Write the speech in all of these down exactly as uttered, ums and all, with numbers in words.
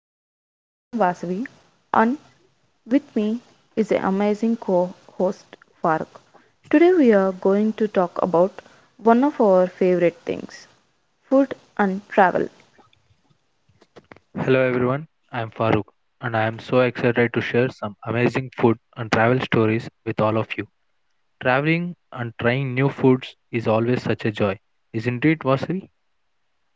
podcast. I'm Vasavi and with me is the amazing co-host Faruk. Today we are going to talk about one of our favorite things, food and travel. Hello everyone, I am Farooq and I am so excited to share some amazing food and travel stories with all of you. Traveling and trying new foods is always such a joy, isn't it, Vasavi?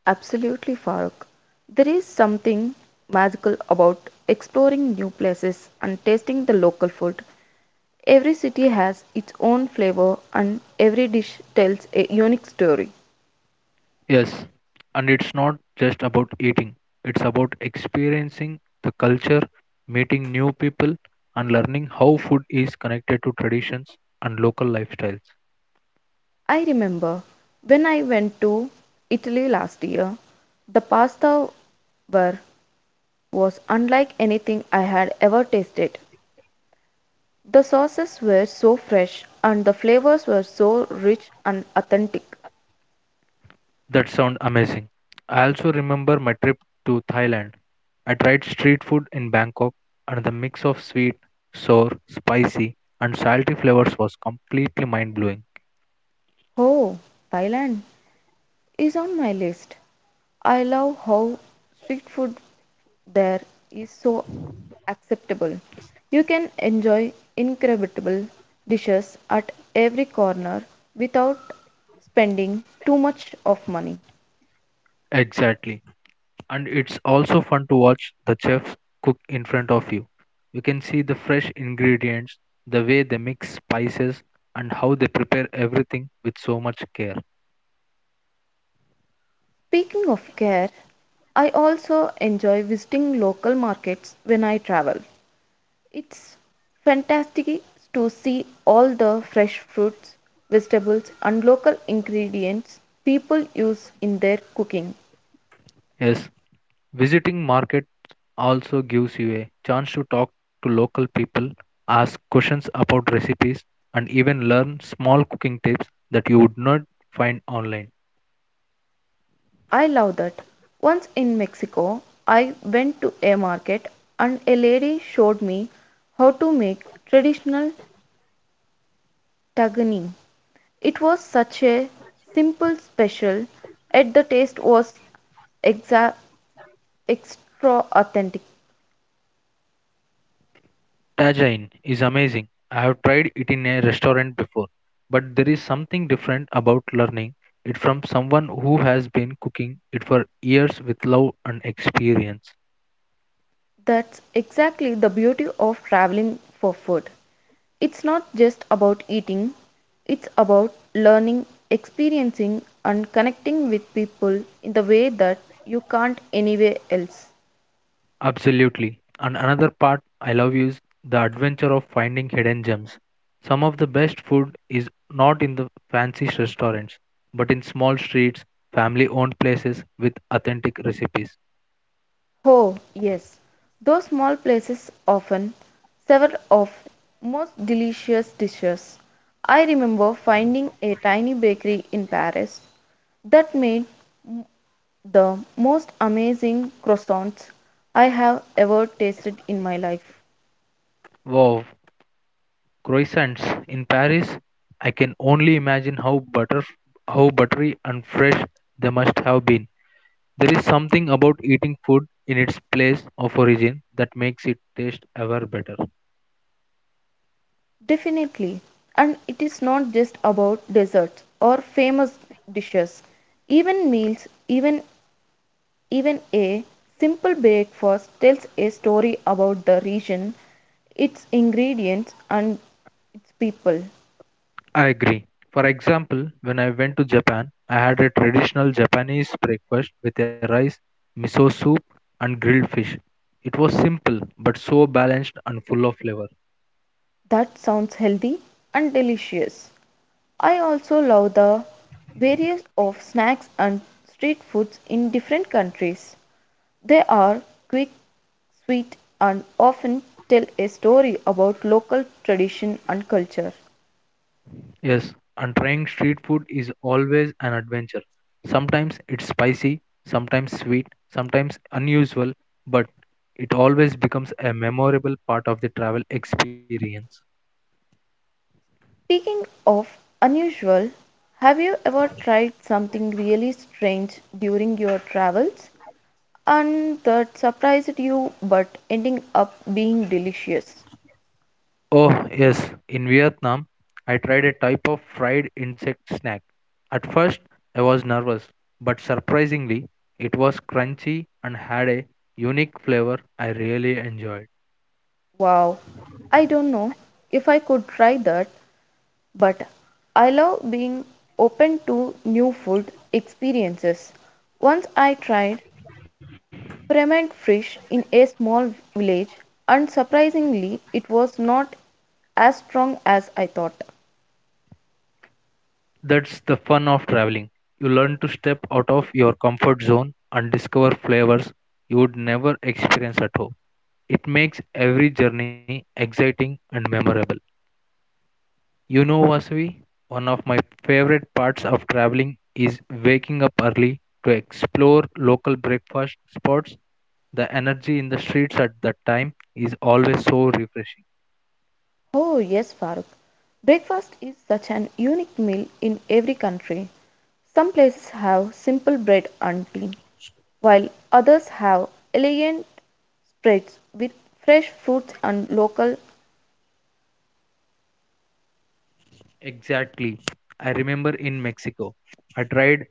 Absolutely, Faruk. There is something magical about exploring new places and tasting the local food. Every city has its own flavor and every dish tells a unique story. Yes, and it's not just about eating, it's about experiencing the culture, meeting new people, and learning how food is connected to traditions and local lifestyles. I remember when I went to Italy last year, the pasta were was unlike anything I had ever tasted. The sauces were so fresh and the flavors were so rich and authentic. That sounds amazing. I also remember my trip to Thailand. I tried street food in Bangkok, and the mix of sweet, sour, spicy, and salty flavors was completely mind blowing. Oh, Thailand is on my list. I love how street food there is so acceptable. You can enjoy incredible dishes at every corner without spending too much of money. Exactly. And it's also fun to watch the chefs cook in front of you. You can see the fresh ingredients, the way they mix spices, and how they prepare everything with so much care. Speaking of care, I also enjoy visiting local markets when I travel. It's fantastic to see all the fresh fruits, vegetables, and local ingredients people use in their cooking. Yes, visiting markets also gives you a chance to talk to local people, ask questions about recipes, and even learn small cooking tips that you would not find online. I love that. Once in Mexico, I went to a market and a lady showed me how to make traditional tahini. It was such a simple special, yet the taste was exa- extra authentic. Tajine is amazing. I have tried it in a restaurant before, but there is something different about learning it from someone who has been cooking it for years with love and experience. That's exactly the beauty of traveling for food. It's not just about eating, it's about learning, experiencing, and connecting with people in the way that you can't anywhere else. Absolutely. And another part I love is the adventure of finding hidden gems. Some of the best food is not in the fancy restaurants, but in small streets, family owned places with authentic recipes. Oh, yes, those small places often serve of most delicious dishes. I remember finding a tiny bakery in Paris that made the most amazing croissants I have ever tasted in my life. Wow, croissants in Paris, I can only imagine how butter how buttery and fresh they must have been. There is something about eating food in its place of origin that makes it taste ever better. Definitely. And it is not just about desserts or famous dishes. Even meals, even even a simple breakfast tells a story about the region, its ingredients and its people. I agree. For example, when I went to Japan, I had a traditional Japanese breakfast with a rice, miso soup, and grilled fish. It was simple but so balanced and full of flavor. That sounds healthy and delicious. I also love the various of snacks and street foods in different countries. They are quick, sweet, and often tell a story about local tradition and culture. Yes, and trying street food is always an adventure. Sometimes it's spicy, sometimes sweet, sometimes unusual, but it always becomes a memorable part of the travel experience. Speaking of unusual, have you ever tried something really strange during your travels and that surprised you but ending up being delicious? Oh, yes, in Vietnam, I tried a type of fried insect snack. At first, I was nervous, but surprisingly, it was crunchy and had a unique flavor I really enjoyed. Wow, I don't know if I could try that, but I love being open to new food experiences. Once I tried ferment fish in a small village. Unsurprisingly, it was not as strong as I thought. That's the fun of traveling. You learn to step out of your comfort zone and discover flavors you would never experience at home. It makes every journey exciting and memorable. You know, Vasavi, one of my favorite parts of traveling is waking up early to explore local breakfast spots. The energy in the streets at that time is always so refreshing. Oh, yes, Farooq. Breakfast is such an unique meal in every country. Some places have simple bread and tea, while others have elegant spreads with fresh fruits and local. Exactly. I remember in Mexico, I tried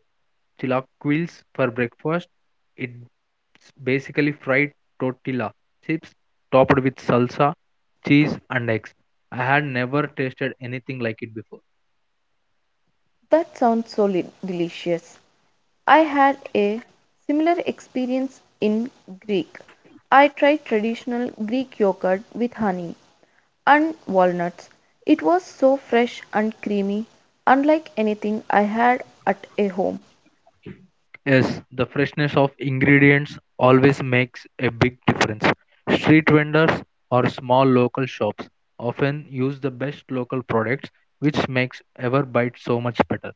chilaquiles for breakfast. It's basically fried tortilla chips topped with salsa, cheese, and eggs. I had never tasted anything like it before. That sounds so delicious. I had a similar experience in Greek. I tried traditional Greek yogurt with honey and walnuts. It was so fresh and creamy, unlike anything I had at a home. Yes, the freshness of ingredients always makes a big difference. Street vendors or small local shops often use the best local products, which makes our bite so much better.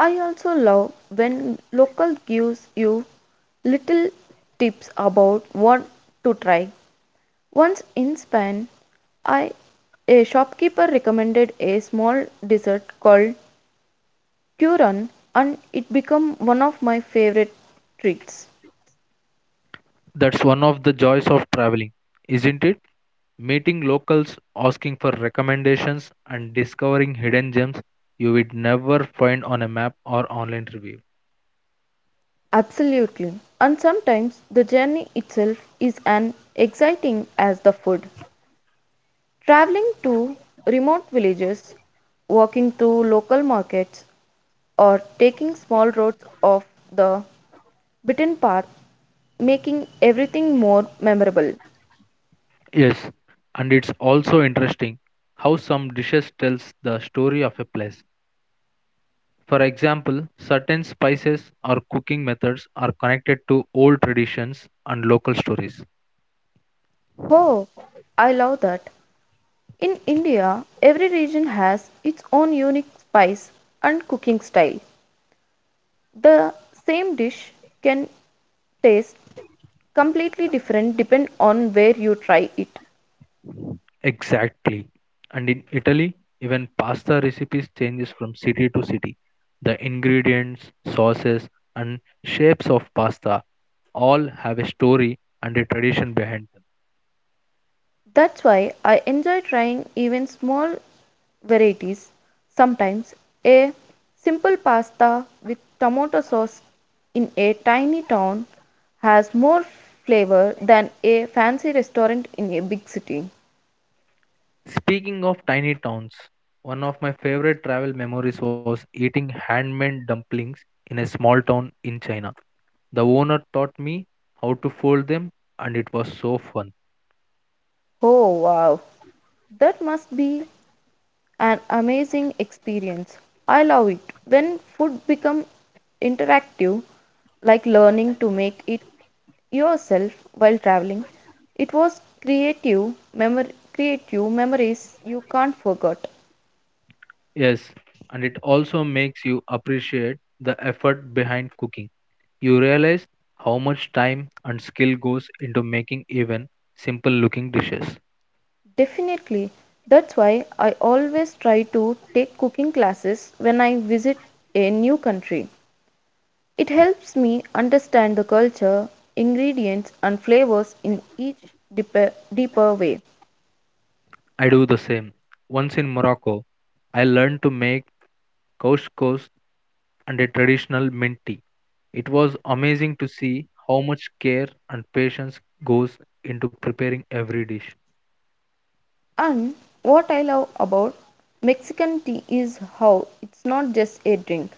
I also love when local gives you little tips about what to try. Once in Spain, I a shopkeeper recommended a small dessert called Quran and it become one of my favorite treats. That's one of the joys of traveling, isn't it? Meeting locals, asking for recommendations, and discovering hidden gems you would never find on a map or online review. Absolutely. And sometimes the journey itself is as exciting as the food. Traveling to remote villages, walking through local markets or taking small roads off the beaten path making everything more memorable. Yes, and it's also interesting how some dishes tells the story of a place. For example, certain spices or cooking methods are connected to old traditions and local stories. Oh, I love that. In India, every region has its own unique spice and cooking style. The same dish can taste completely different depend on where you try it. Exactly. And in Italy, even pasta recipes changes from city to city. The ingredients, sauces, and shapes of pasta all have a story and a tradition behind them. That's why I enjoy trying even small varieties. Sometimes a simple pasta with tomato sauce in a tiny town has more flavor than a fancy restaurant in a big city. Speaking of tiny towns, one of my favorite travel memories was eating handmade dumplings in a small town in China. The owner taught me how to fold them, and it was so fun. Oh wow, that must be an amazing experience. I love it when food become interactive, like learning to make it yourself while traveling. It was creative, memor- creative memories you can't forget. Yes, and it also makes you appreciate the effort behind cooking. You realize how much time and skill goes into making even simple looking dishes. Definitely. That's why I always try to take cooking classes when I visit a new country. It helps me understand the culture, ingredients, and flavors in each deeper, deeper way. I do the same. Once in Morocco, I learned to make couscous and a traditional mint tea. It was amazing to see how much care and patience goes into preparing every dish. And what I love about Mexican tea is how it's not just a drink,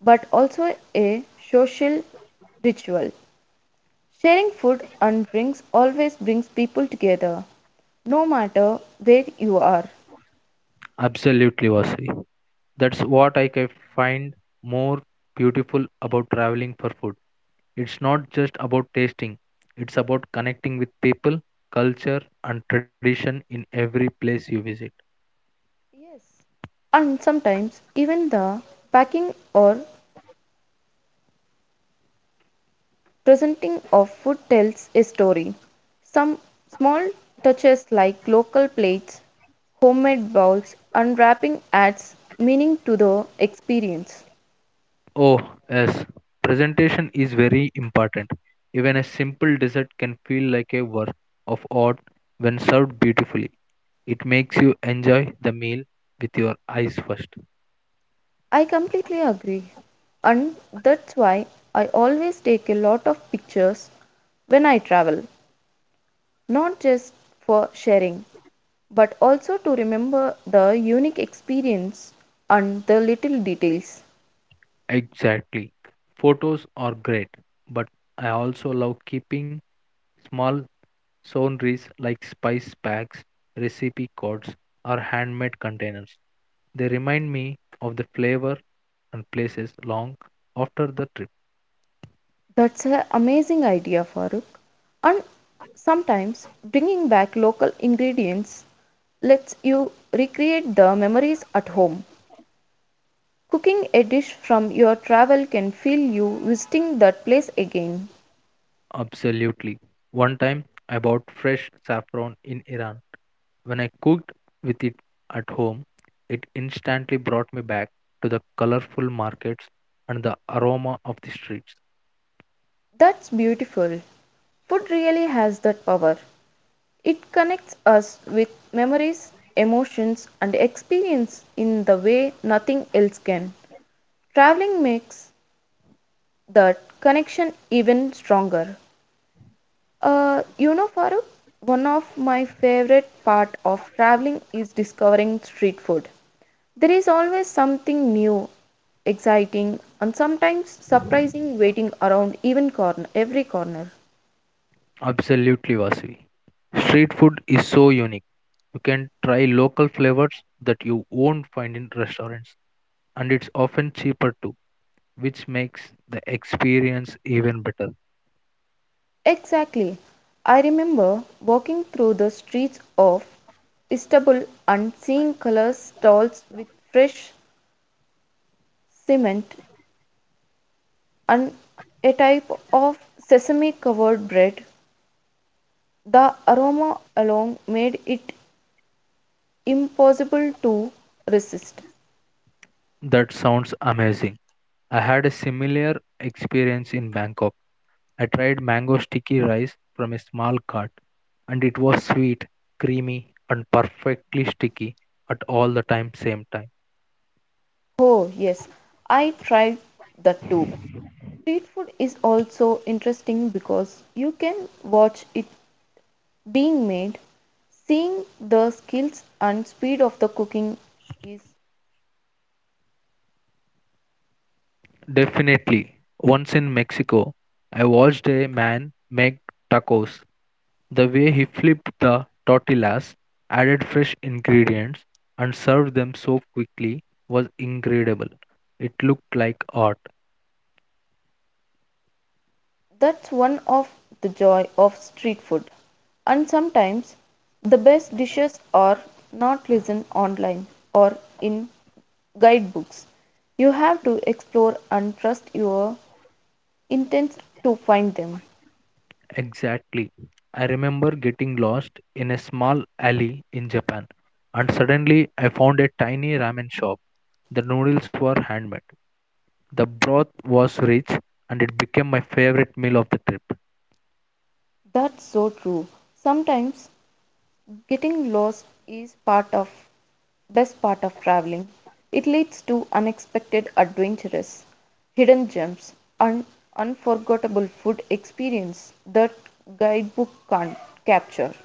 but also a social ritual. Sharing food and drinks always brings people together, no matter where you are. Absolutely, Vasi. That's what I can find more beautiful about traveling for food. It's not just about tasting, it's about connecting with people, culture, and tradition in every place you visit. Yes. And sometimes even the packing or presenting of food tells a story. Some small touches like local plates, homemade bowls, unwrapping adds meaning to the experience. Oh, yes. Presentation is very important. Even a simple dessert can feel like a work of art when served beautifully. It makes you enjoy the meal with your eyes first. I completely agree. And that's why I always take a lot of pictures when I travel, not just for sharing, but also to remember the unique experience and the little details. Exactly. Photos are great, but I also love keeping small souvenirs like spice packs, recipe cards, or handmade containers. They remind me of the flavor and places long after the trip. That's an amazing idea, Farooq. And sometimes bringing back local ingredients lets you recreate the memories at home. Cooking a dish from your travel can feel you visiting that place again. Absolutely. One time I bought fresh saffron in Iran. When I cooked with it at home, it instantly brought me back to the colorful markets and the aroma of the streets. That's beautiful. Food really has that power. It connects us with memories, emotions, and experience in the way nothing else can. Traveling makes that connection even stronger. Uh, you know, Farooq, one of my favorite part of traveling is discovering street food. There is always something new, exciting, and sometimes surprising waiting around even corner, every corner. Absolutely, Vasivi. Street food is so unique. You can try local flavors that you won't find in restaurants, and it's often cheaper too, which makes the experience even better. Exactly. I remember walking through the streets of Istanbul and seeing color stalls with fresh cement and a type of sesame covered bread. The aroma alone made it impossible to resist. That sounds amazing. I had a similar experience in Bangkok. I tried mango sticky rice from a small cart, and it was sweet, creamy, and perfectly sticky at all the time same time. Oh, yes, I tried that too. Street food is also interesting because you can watch it being made, seeing the skills and speed of the cooking is Definitely, once in Mexico, I watched a man make tacos. The way he flipped the tortillas, added fresh ingredients, and served them so quickly was incredible. It looked like art. that's one of the joy of street food. And sometimes the best dishes are not listed online or in guidebooks. You have to explore and trust your instincts to find them. Exactly. I remember getting lost in a small alley in Japan, and suddenly I found a tiny ramen shop. The noodles were handmade, the broth was rich, and it became my favorite meal of the trip. That's so true. Sometimes getting lost is part of best part of traveling. It leads to unexpected adventures, hidden gems, and unforgettable food experience that guidebook can't capture.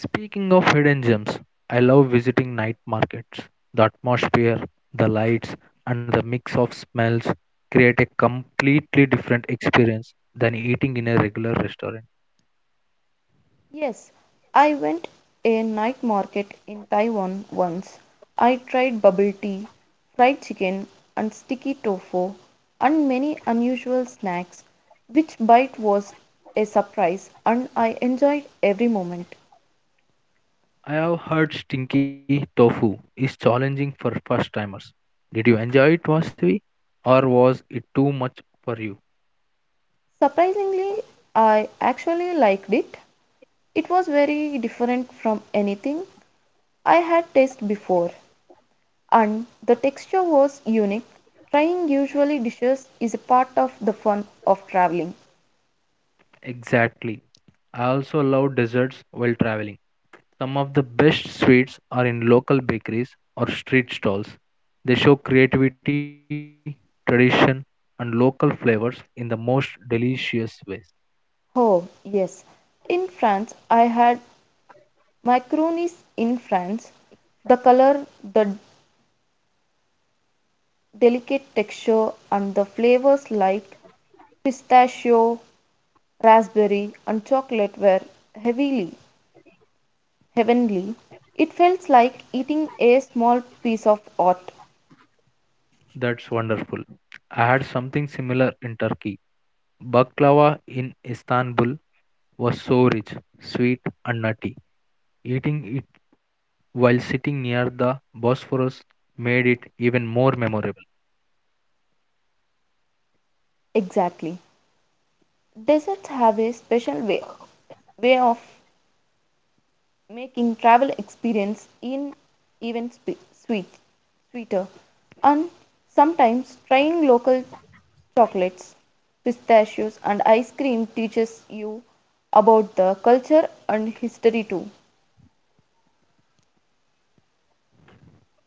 Speaking of hidden gems, I love visiting night markets. The atmosphere, the lights, and the mix of smells create a completely different experience than eating in a regular restaurant. Yes, I went a night market in Taiwan once. I tried bubble tea, fried chicken and sticky tofu and many unusual snacks. Which bite was a surprise and I enjoyed every moment. I have heard stinky tofu is challenging for first timers. Did you enjoy it, Vasavi? Or was it too much for you? Surprisingly, I actually liked it. It was very different from anything I had tasted before and the texture was unique. Trying usually dishes is a part of the fun of traveling. Exactly. I also love desserts while traveling. Some of the best sweets are in local bakeries or street stalls. They show creativity, tradition, and local flavors in the most delicious ways. Oh, yes. In France, I had macaronis in France. The color, the delicate texture, and the flavors like pistachio, raspberry, and chocolate were heavily heavenly. It felt like eating a small piece of art. That's wonderful. I had something similar in Turkey. Baklava in Istanbul was so rich, sweet, and nutty. Eating it while sitting near the Bosphorus made it even more memorable. Exactly. Desserts have a special way, way of making travel experience in even spe- sweet, sweeter. And sometimes trying local chocolates, pistachios and ice cream teaches you about the culture and history too.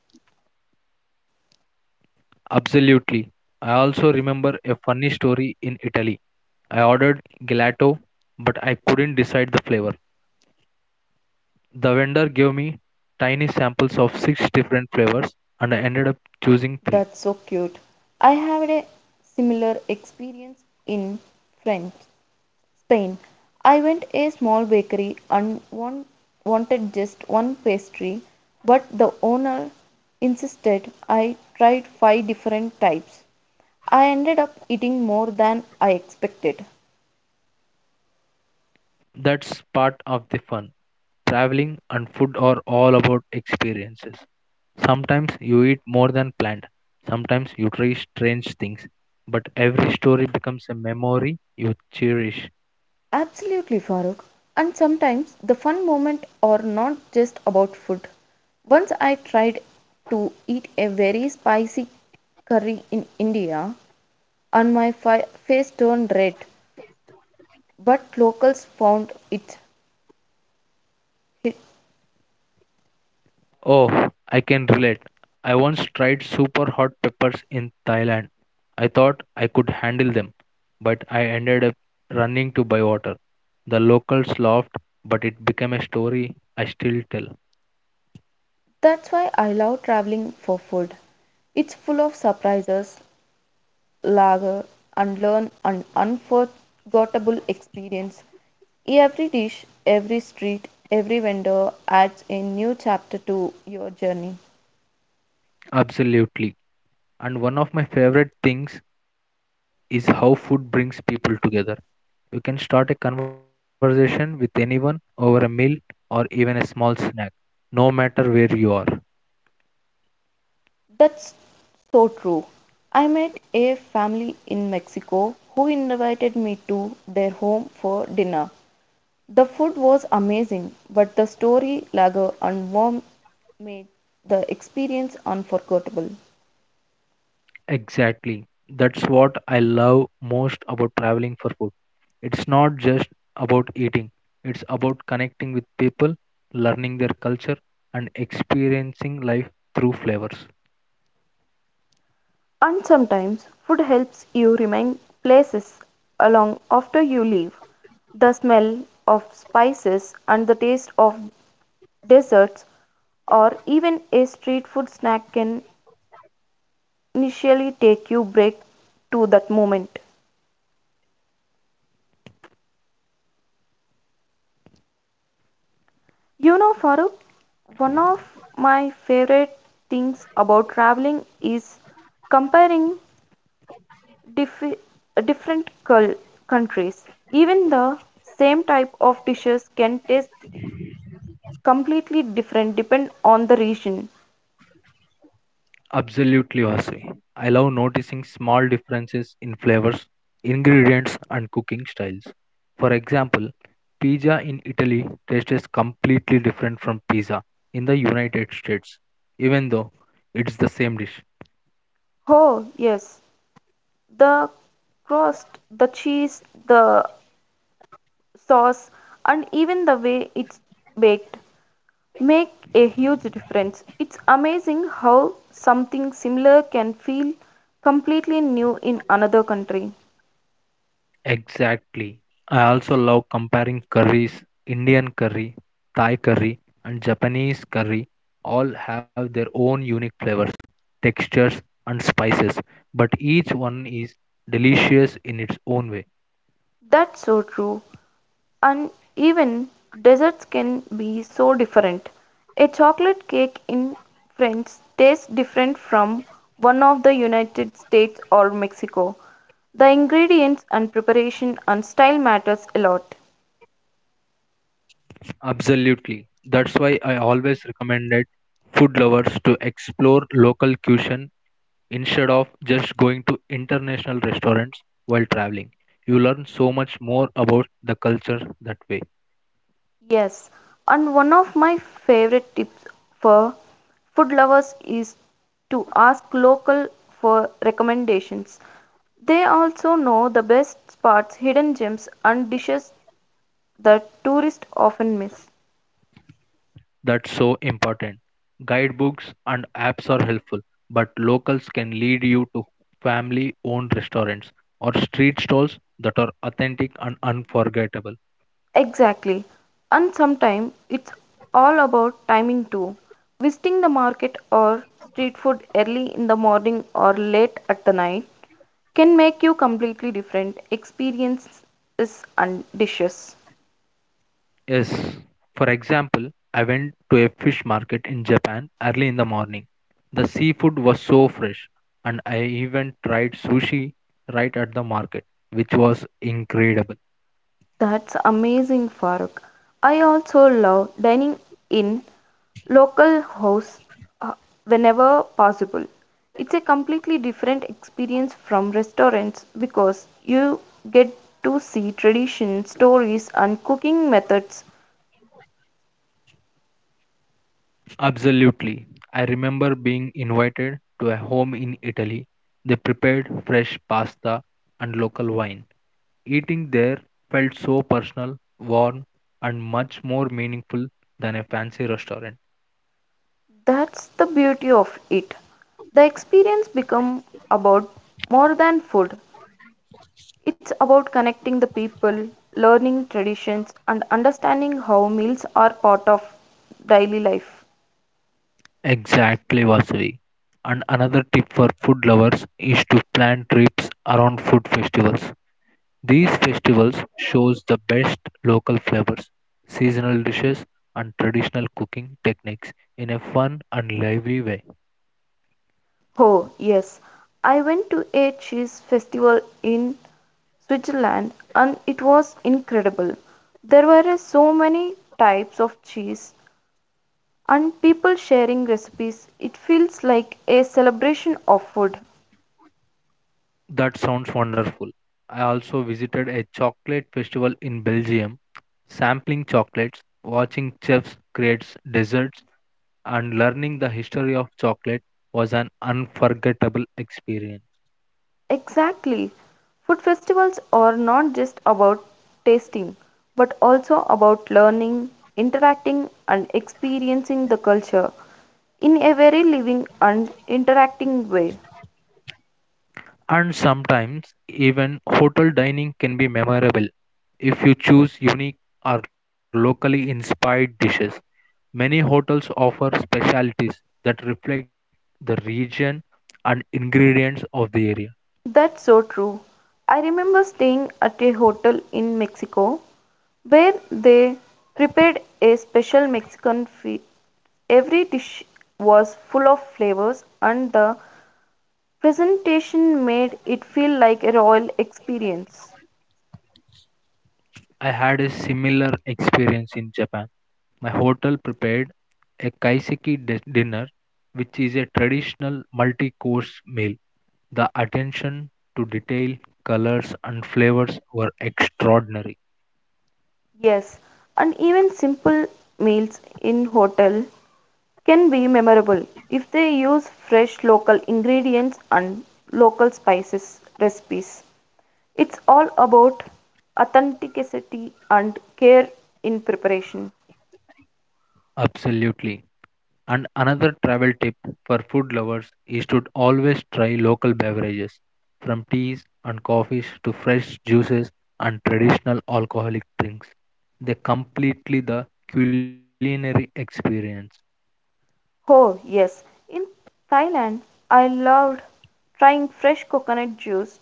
Absolutely. I also remember a funny story in Italy. I ordered gelato, but I couldn't decide the flavor. The vendor gave me tiny samples of six different flavors, and I ended up choosing three. That's so cute. I had a similar experience in French Spain. I went a small bakery and one wanted just one pastry, but the owner insisted I tried five different types. I ended up eating more than I expected. That's part of the fun. Traveling and food are all about experiences. Sometimes you eat more than planned, sometimes you try strange things, but every story becomes a memory you cherish. Absolutely, Farooq. And sometimes the fun moment are not just about food. Once I tried to eat a very spicy curry in India and my fi- face turned red, but locals found it hit. Oh, I can relate. I once tried super hot peppers in Thailand. I thought I could handle them, but I ended up running to buy water. The locals laughed, but it became a story I still tell. That's why I love traveling for food. It's full of surprises, lager, and learn an unforgettable experience. Every dish, every street, every vendor adds a new chapter to your journey. Absolutely. And one of my favorite things is how food brings people together. You can start a conversation with anyone over a meal or even a small snack, no matter where you are. That's so true. I met a family in Mexico who invited me to their home for dinner. The food was amazing, but the story, lager, and warmth made the experience unforgettable. Exactly. That's what I love most about traveling for food. It's not just about eating, it's about connecting with people, learning their culture, and experiencing life through flavors. And sometimes food helps you remain places long after you leave. The smell of spices and the taste of desserts, or even a street food snack can initially take you back to that moment. You know, Farooq, one of my favorite things about traveling is comparing diffi- different cul- countries. Even the same type of dishes can taste completely different depend on the region. Absolutely, Vasi. I love noticing small differences in flavors, ingredients, and cooking styles. For example, pizza in Italy tastes completely different from pizza in the United States, even though it's the same dish. Oh, yes, the crust, the cheese, the sauce, and even the way it's baked make a huge difference. It's amazing how something similar can feel completely new in another country. Exactly. I also love comparing curries. Indian curry, Thai curry, and Japanese curry all have their own unique flavors, textures, and spices, but each one is delicious in its own way. That's so true. And even desserts can be so different. A chocolate cake in France tastes different from one of the United States or Mexico. The ingredients and preparation and style matters a lot. Absolutely. That's why I always recommended food lovers to explore local cuisine instead of just going to international restaurants while traveling. You learn so much more about the culture that way. Yes, and one of my favorite tips for food lovers is to ask local for recommendations. They also know the best spots, hidden gems, and dishes that tourists often miss. That's so important. Guidebooks and apps are helpful, but locals can lead you to family owned restaurants or street stalls that are authentic and unforgettable. Exactly. And sometimes it's all about timing too. Visiting the market or street food early in the morning or late at the night can make you completely different experiences and dishes. Yes, for example, I went to a fish market in Japan early in the morning. The seafood was so fresh, and I even tried sushi right at the market, which was incredible. That's amazing, Farooq. I also love dining in local house uh, whenever possible. It's a completely different experience from restaurants because you get to see tradition, stories, and cooking methods. Absolutely. I remember being invited to a home in Italy. They prepared fresh pasta and local wine. Eating there felt so personal, warm, and much more meaningful than a fancy restaurant. That's the beauty of it. The experience become about more than food. It's about connecting the people, learning traditions, and understanding how meals are part of daily life. Exactly, Vasavi. And another tip for food lovers is to plan trips around food festivals. These festivals shows the best local flavors, seasonal dishes and traditional cooking techniques in a fun and lively way. Oh, yes. I went to a cheese festival in Switzerland and it was incredible. There were so many types of cheese and people sharing recipes. It feels like a celebration of food. That sounds wonderful. I also visited a chocolate festival in Belgium, sampling chocolates, watching chefs create desserts and learning the history of chocolate was an unforgettable experience. Exactly. Food festivals are not just about tasting, but also about learning, interacting, and experiencing the culture in a very living and interacting way. And sometimes even hotel dining can be memorable if you choose unique or locally inspired dishes. Many hotels offer specialties that reflect the region and ingredients of the area. That's so true. I remember staying at a hotel in Mexico where they prepared a special Mexican feast. Every dish was full of flavors, and the presentation made it feel like a royal experience. I had a similar experience in Japan. My hotel prepared a kaiseki di- dinner, which is a traditional multi course meal. The attention to detail, colors, and flavors were extraordinary. Yes, and even simple meals in hotel can be memorable if they use fresh local ingredients and local spices recipes. It's all about authenticity and care in preparation. Absolutely. And another travel tip for food lovers is to always try local beverages, from teas and coffees to fresh juices and traditional alcoholic drinks. They completely the culinary experience. Oh, yes, in Thailand I loved trying fresh coconut juice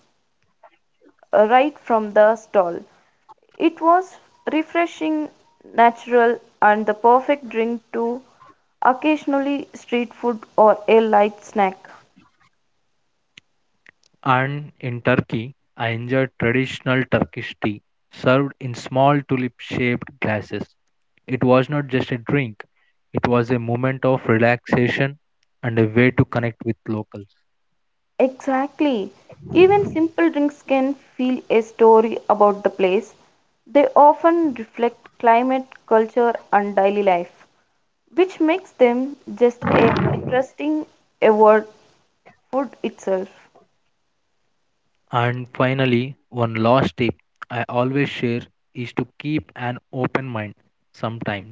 uh, right from the stall. It was refreshing, natural, and the perfect drink to occasionally street food or a light snack. And in Turkey, I enjoyed traditional Turkish tea served in small tulip-shaped glasses. It was not just a drink, it was a moment of relaxation and a way to connect with locals. Exactly. Even simple drinks can feel a story about the place. They often reflect climate, culture, and daily life, which makes them just a interesting award food itself. And finally, one last tip I always share is to keep an open mind sometimes.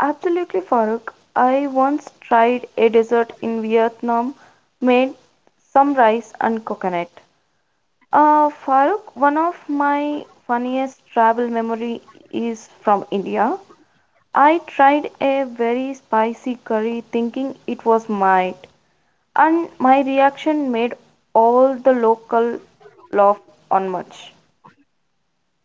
Absolutely, Farooq. I once tried a dessert in Vietnam made some rice and coconut. Uh, Farooq, one of my funniest travel memory is from India. I tried a very spicy curry thinking it was might, and my reaction made all the local laugh on much.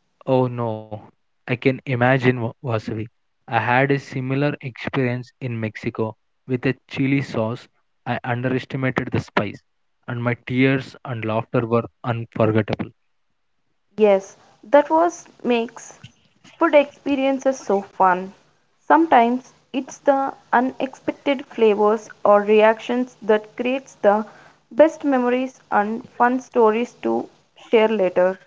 Oh no, I can imagine Wa- Vasavi. I had a similar experience in Mexico with a chili sauce. I underestimated the spice, and my tears and laughter were unforgettable. Yes, that was makes food experiences so fun. Sometimes it's the unexpected flavors or reactions that creates the best memories and fun stories to share later.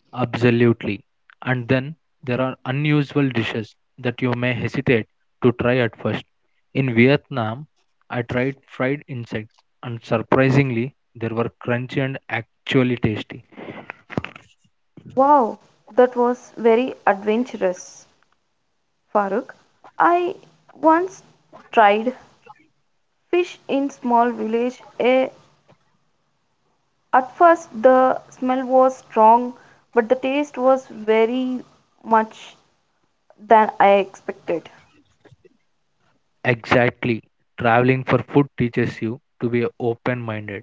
Absolutely. And then there are unusual dishes that you may hesitate to try at first. In Vietnam, I tried fried insects, and surprisingly, they were crunchy and actually tasty. Wow, that was very adventurous, Farooq. I once tried fish in small village. Eh, at first the smell was strong, but the taste was very much than I expected. Exactly. Traveling for food teaches you to be open minded.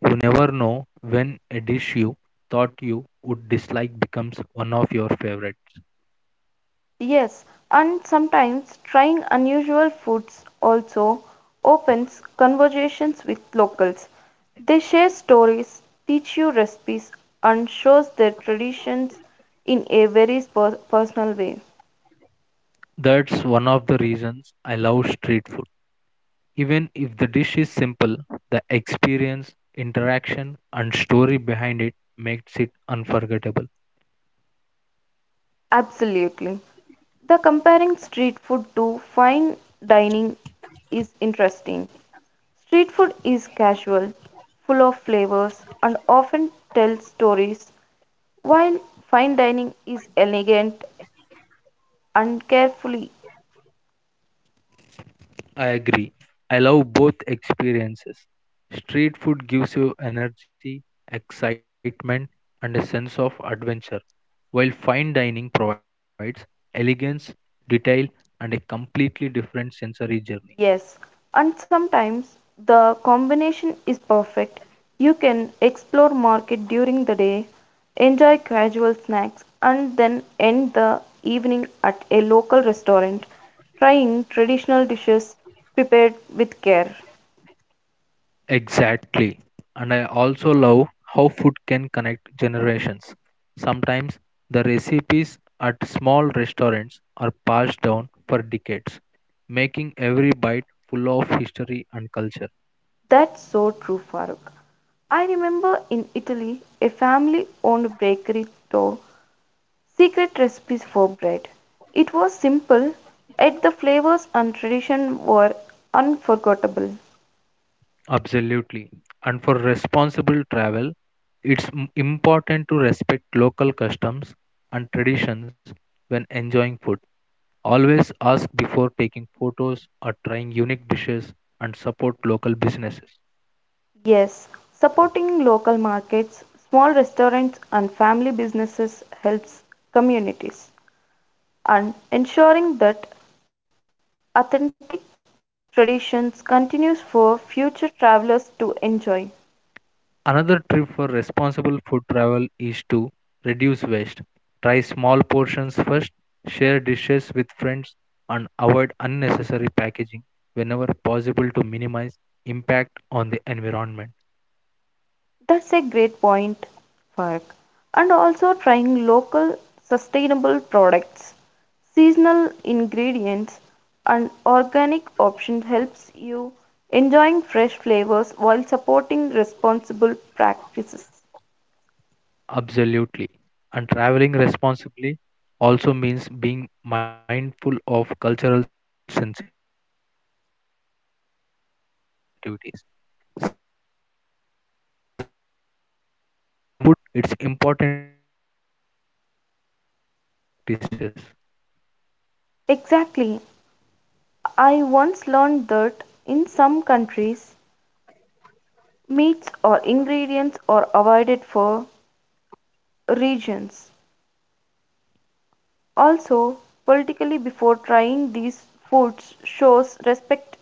You never know when a dish you thought you would dislike becomes one of your favorites. Yes, and sometimes trying unusual foods also opens conversations with locals. They share stories, teach you recipes, and shows their traditions in a very pers- personal way. That's one of the reasons I love street food. Even if the dish is simple, the experience, interaction, and story behind it makes it unforgettable. Absolutely. The comparing street food to fine dining is interesting. Street food is casual, full of flavors, and often tells stories, while fine dining is elegant and carefully, I agree. I love both experiences. Street food gives you energy, excitement, and a sense of adventure, while fine dining provides elegance, detail, and a completely different sensory journey. yes, and sometimes the combination is perfect. You can explore market during the day, enjoy casual snacks, and then end the evening at a local restaurant, trying traditional dishes prepared with care. Exactly. And I also love how food can connect generations. Sometimes the recipes at small restaurants are passed down for decades, making every bite full of history and culture. That's so true, Farooq. I remember in Italy, a family owned bakery taught secret recipes for bread. It was simple, yet the flavors and tradition were unforgettable. Absolutely. And for responsible travel, it's m- important to respect local customs and traditions when enjoying food. Always ask before taking photos or trying unique dishes and support local businesses. Yes, supporting local markets, small restaurants, and family businesses helps communities and ensuring that authentic traditions continues for future travelers to enjoy. Another tip for responsible food travel is to reduce waste. Try small portions first, share dishes with friends, and avoid unnecessary packaging whenever possible to minimize impact on the environment. That's a great point, Fark. And also trying local sustainable products, seasonal ingredients, and organic options helps you enjoying fresh flavors while supporting responsible practices. Absolutely. And traveling responsibly also means being mindful of cultural sensitivities. Some foods may have religious or cultural significance, so it's important to learn and respect those practices. Exactly. I once learned that in some countries, meats or ingredients are avoided for regions. Also, politically, before trying these foods, shows respect.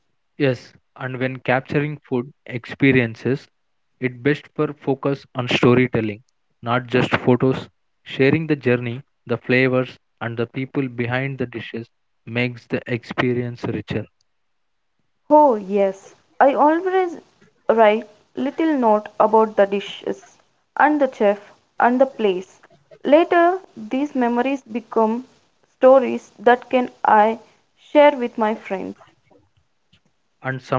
Yes, and when capturing food experiences, it best for focus on storytelling, not just photos. Sharing the journey, the flavors, and the people behind the dishes makes the experience richer. Oh, yes, I always write little note about the dishes and the chef and the place. Later, these memories become stories that can I share with my friends.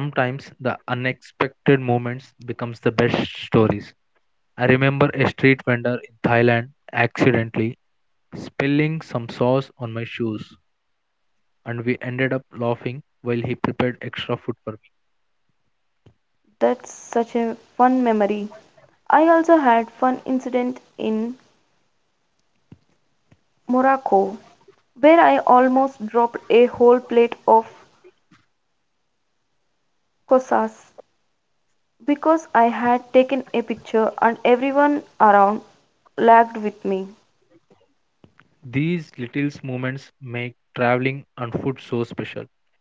And sometimes the unexpected moments becomes the best stories. I remember a street vendor in Thailand accidentally spilling some sauce on my shoes, and we ended up laughing while he prepared extra food for me. That's such a fun memory. I also had fun incident in Morocco where I almost dropped a whole plate of kosas because I had taken a picture and everyone around lagged with me. These little moments make traveling and food so special.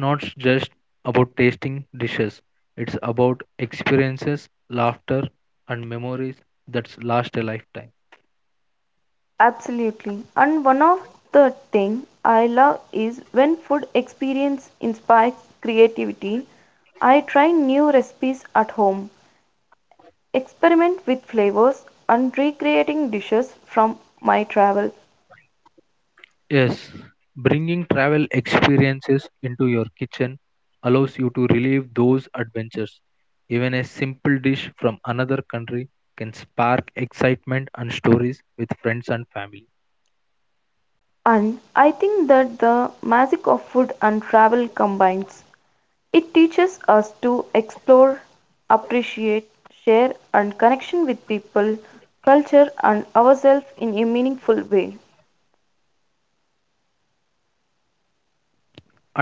It's not just about tasting dishes, it's about experiences, laughter, and memories that last a lifetime. Absolutely. And one of the thing I love is when food experience inspires creativity. I try new recipes at home, experiment with flavors and recreating dishes from my travels. Yes, bringing travel experiences into your kitchen allows you to relive those adventures. Even a simple dish from another country can spark excitement and stories with friends and family. And I think that the magic of food and travel combines. It teaches us to explore, appreciate, share and connection with people, culture and ourselves in a meaningful way.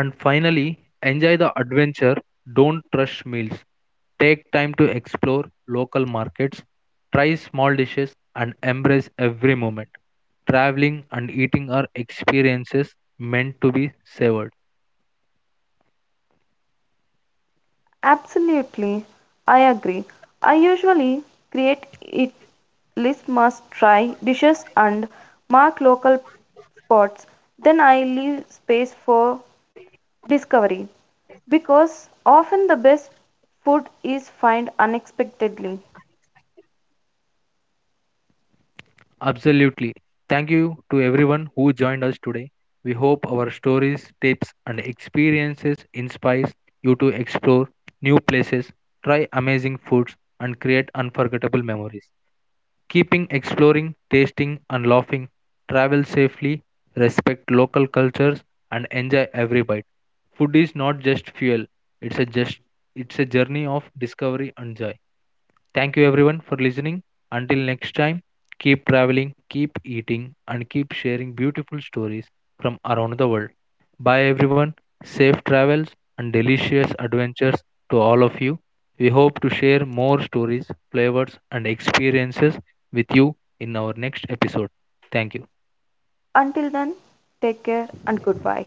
And finally, enjoy the adventure. Don't rush meals. Take time to explore local markets, try small dishes, and embrace every moment. Traveling and eating are experiences meant to be savored. Absolutely, I agree. I usually create it list must try dishes and mark local spots. Then I leave space for discovery because often the best food is found unexpectedly. Absolutely. Thank you to everyone who joined us today. We hope our stories, tips, and experiences inspires you to explore new places, try amazing foods, and create unforgettable memories. Keeping exploring, tasting, and laughing, travel safely, respect local cultures, and enjoy every bite. Food is not just fuel, it's a, just, it's a journey of discovery and joy. Thank you everyone for listening. Until next time, keep traveling, keep eating, and keep sharing beautiful stories from around the world. Bye everyone. Safe travels and delicious adventures to all of you. We hope to share more stories, flavors, and experiences with you in our next episode. Thank you. Until then, take care and goodbye.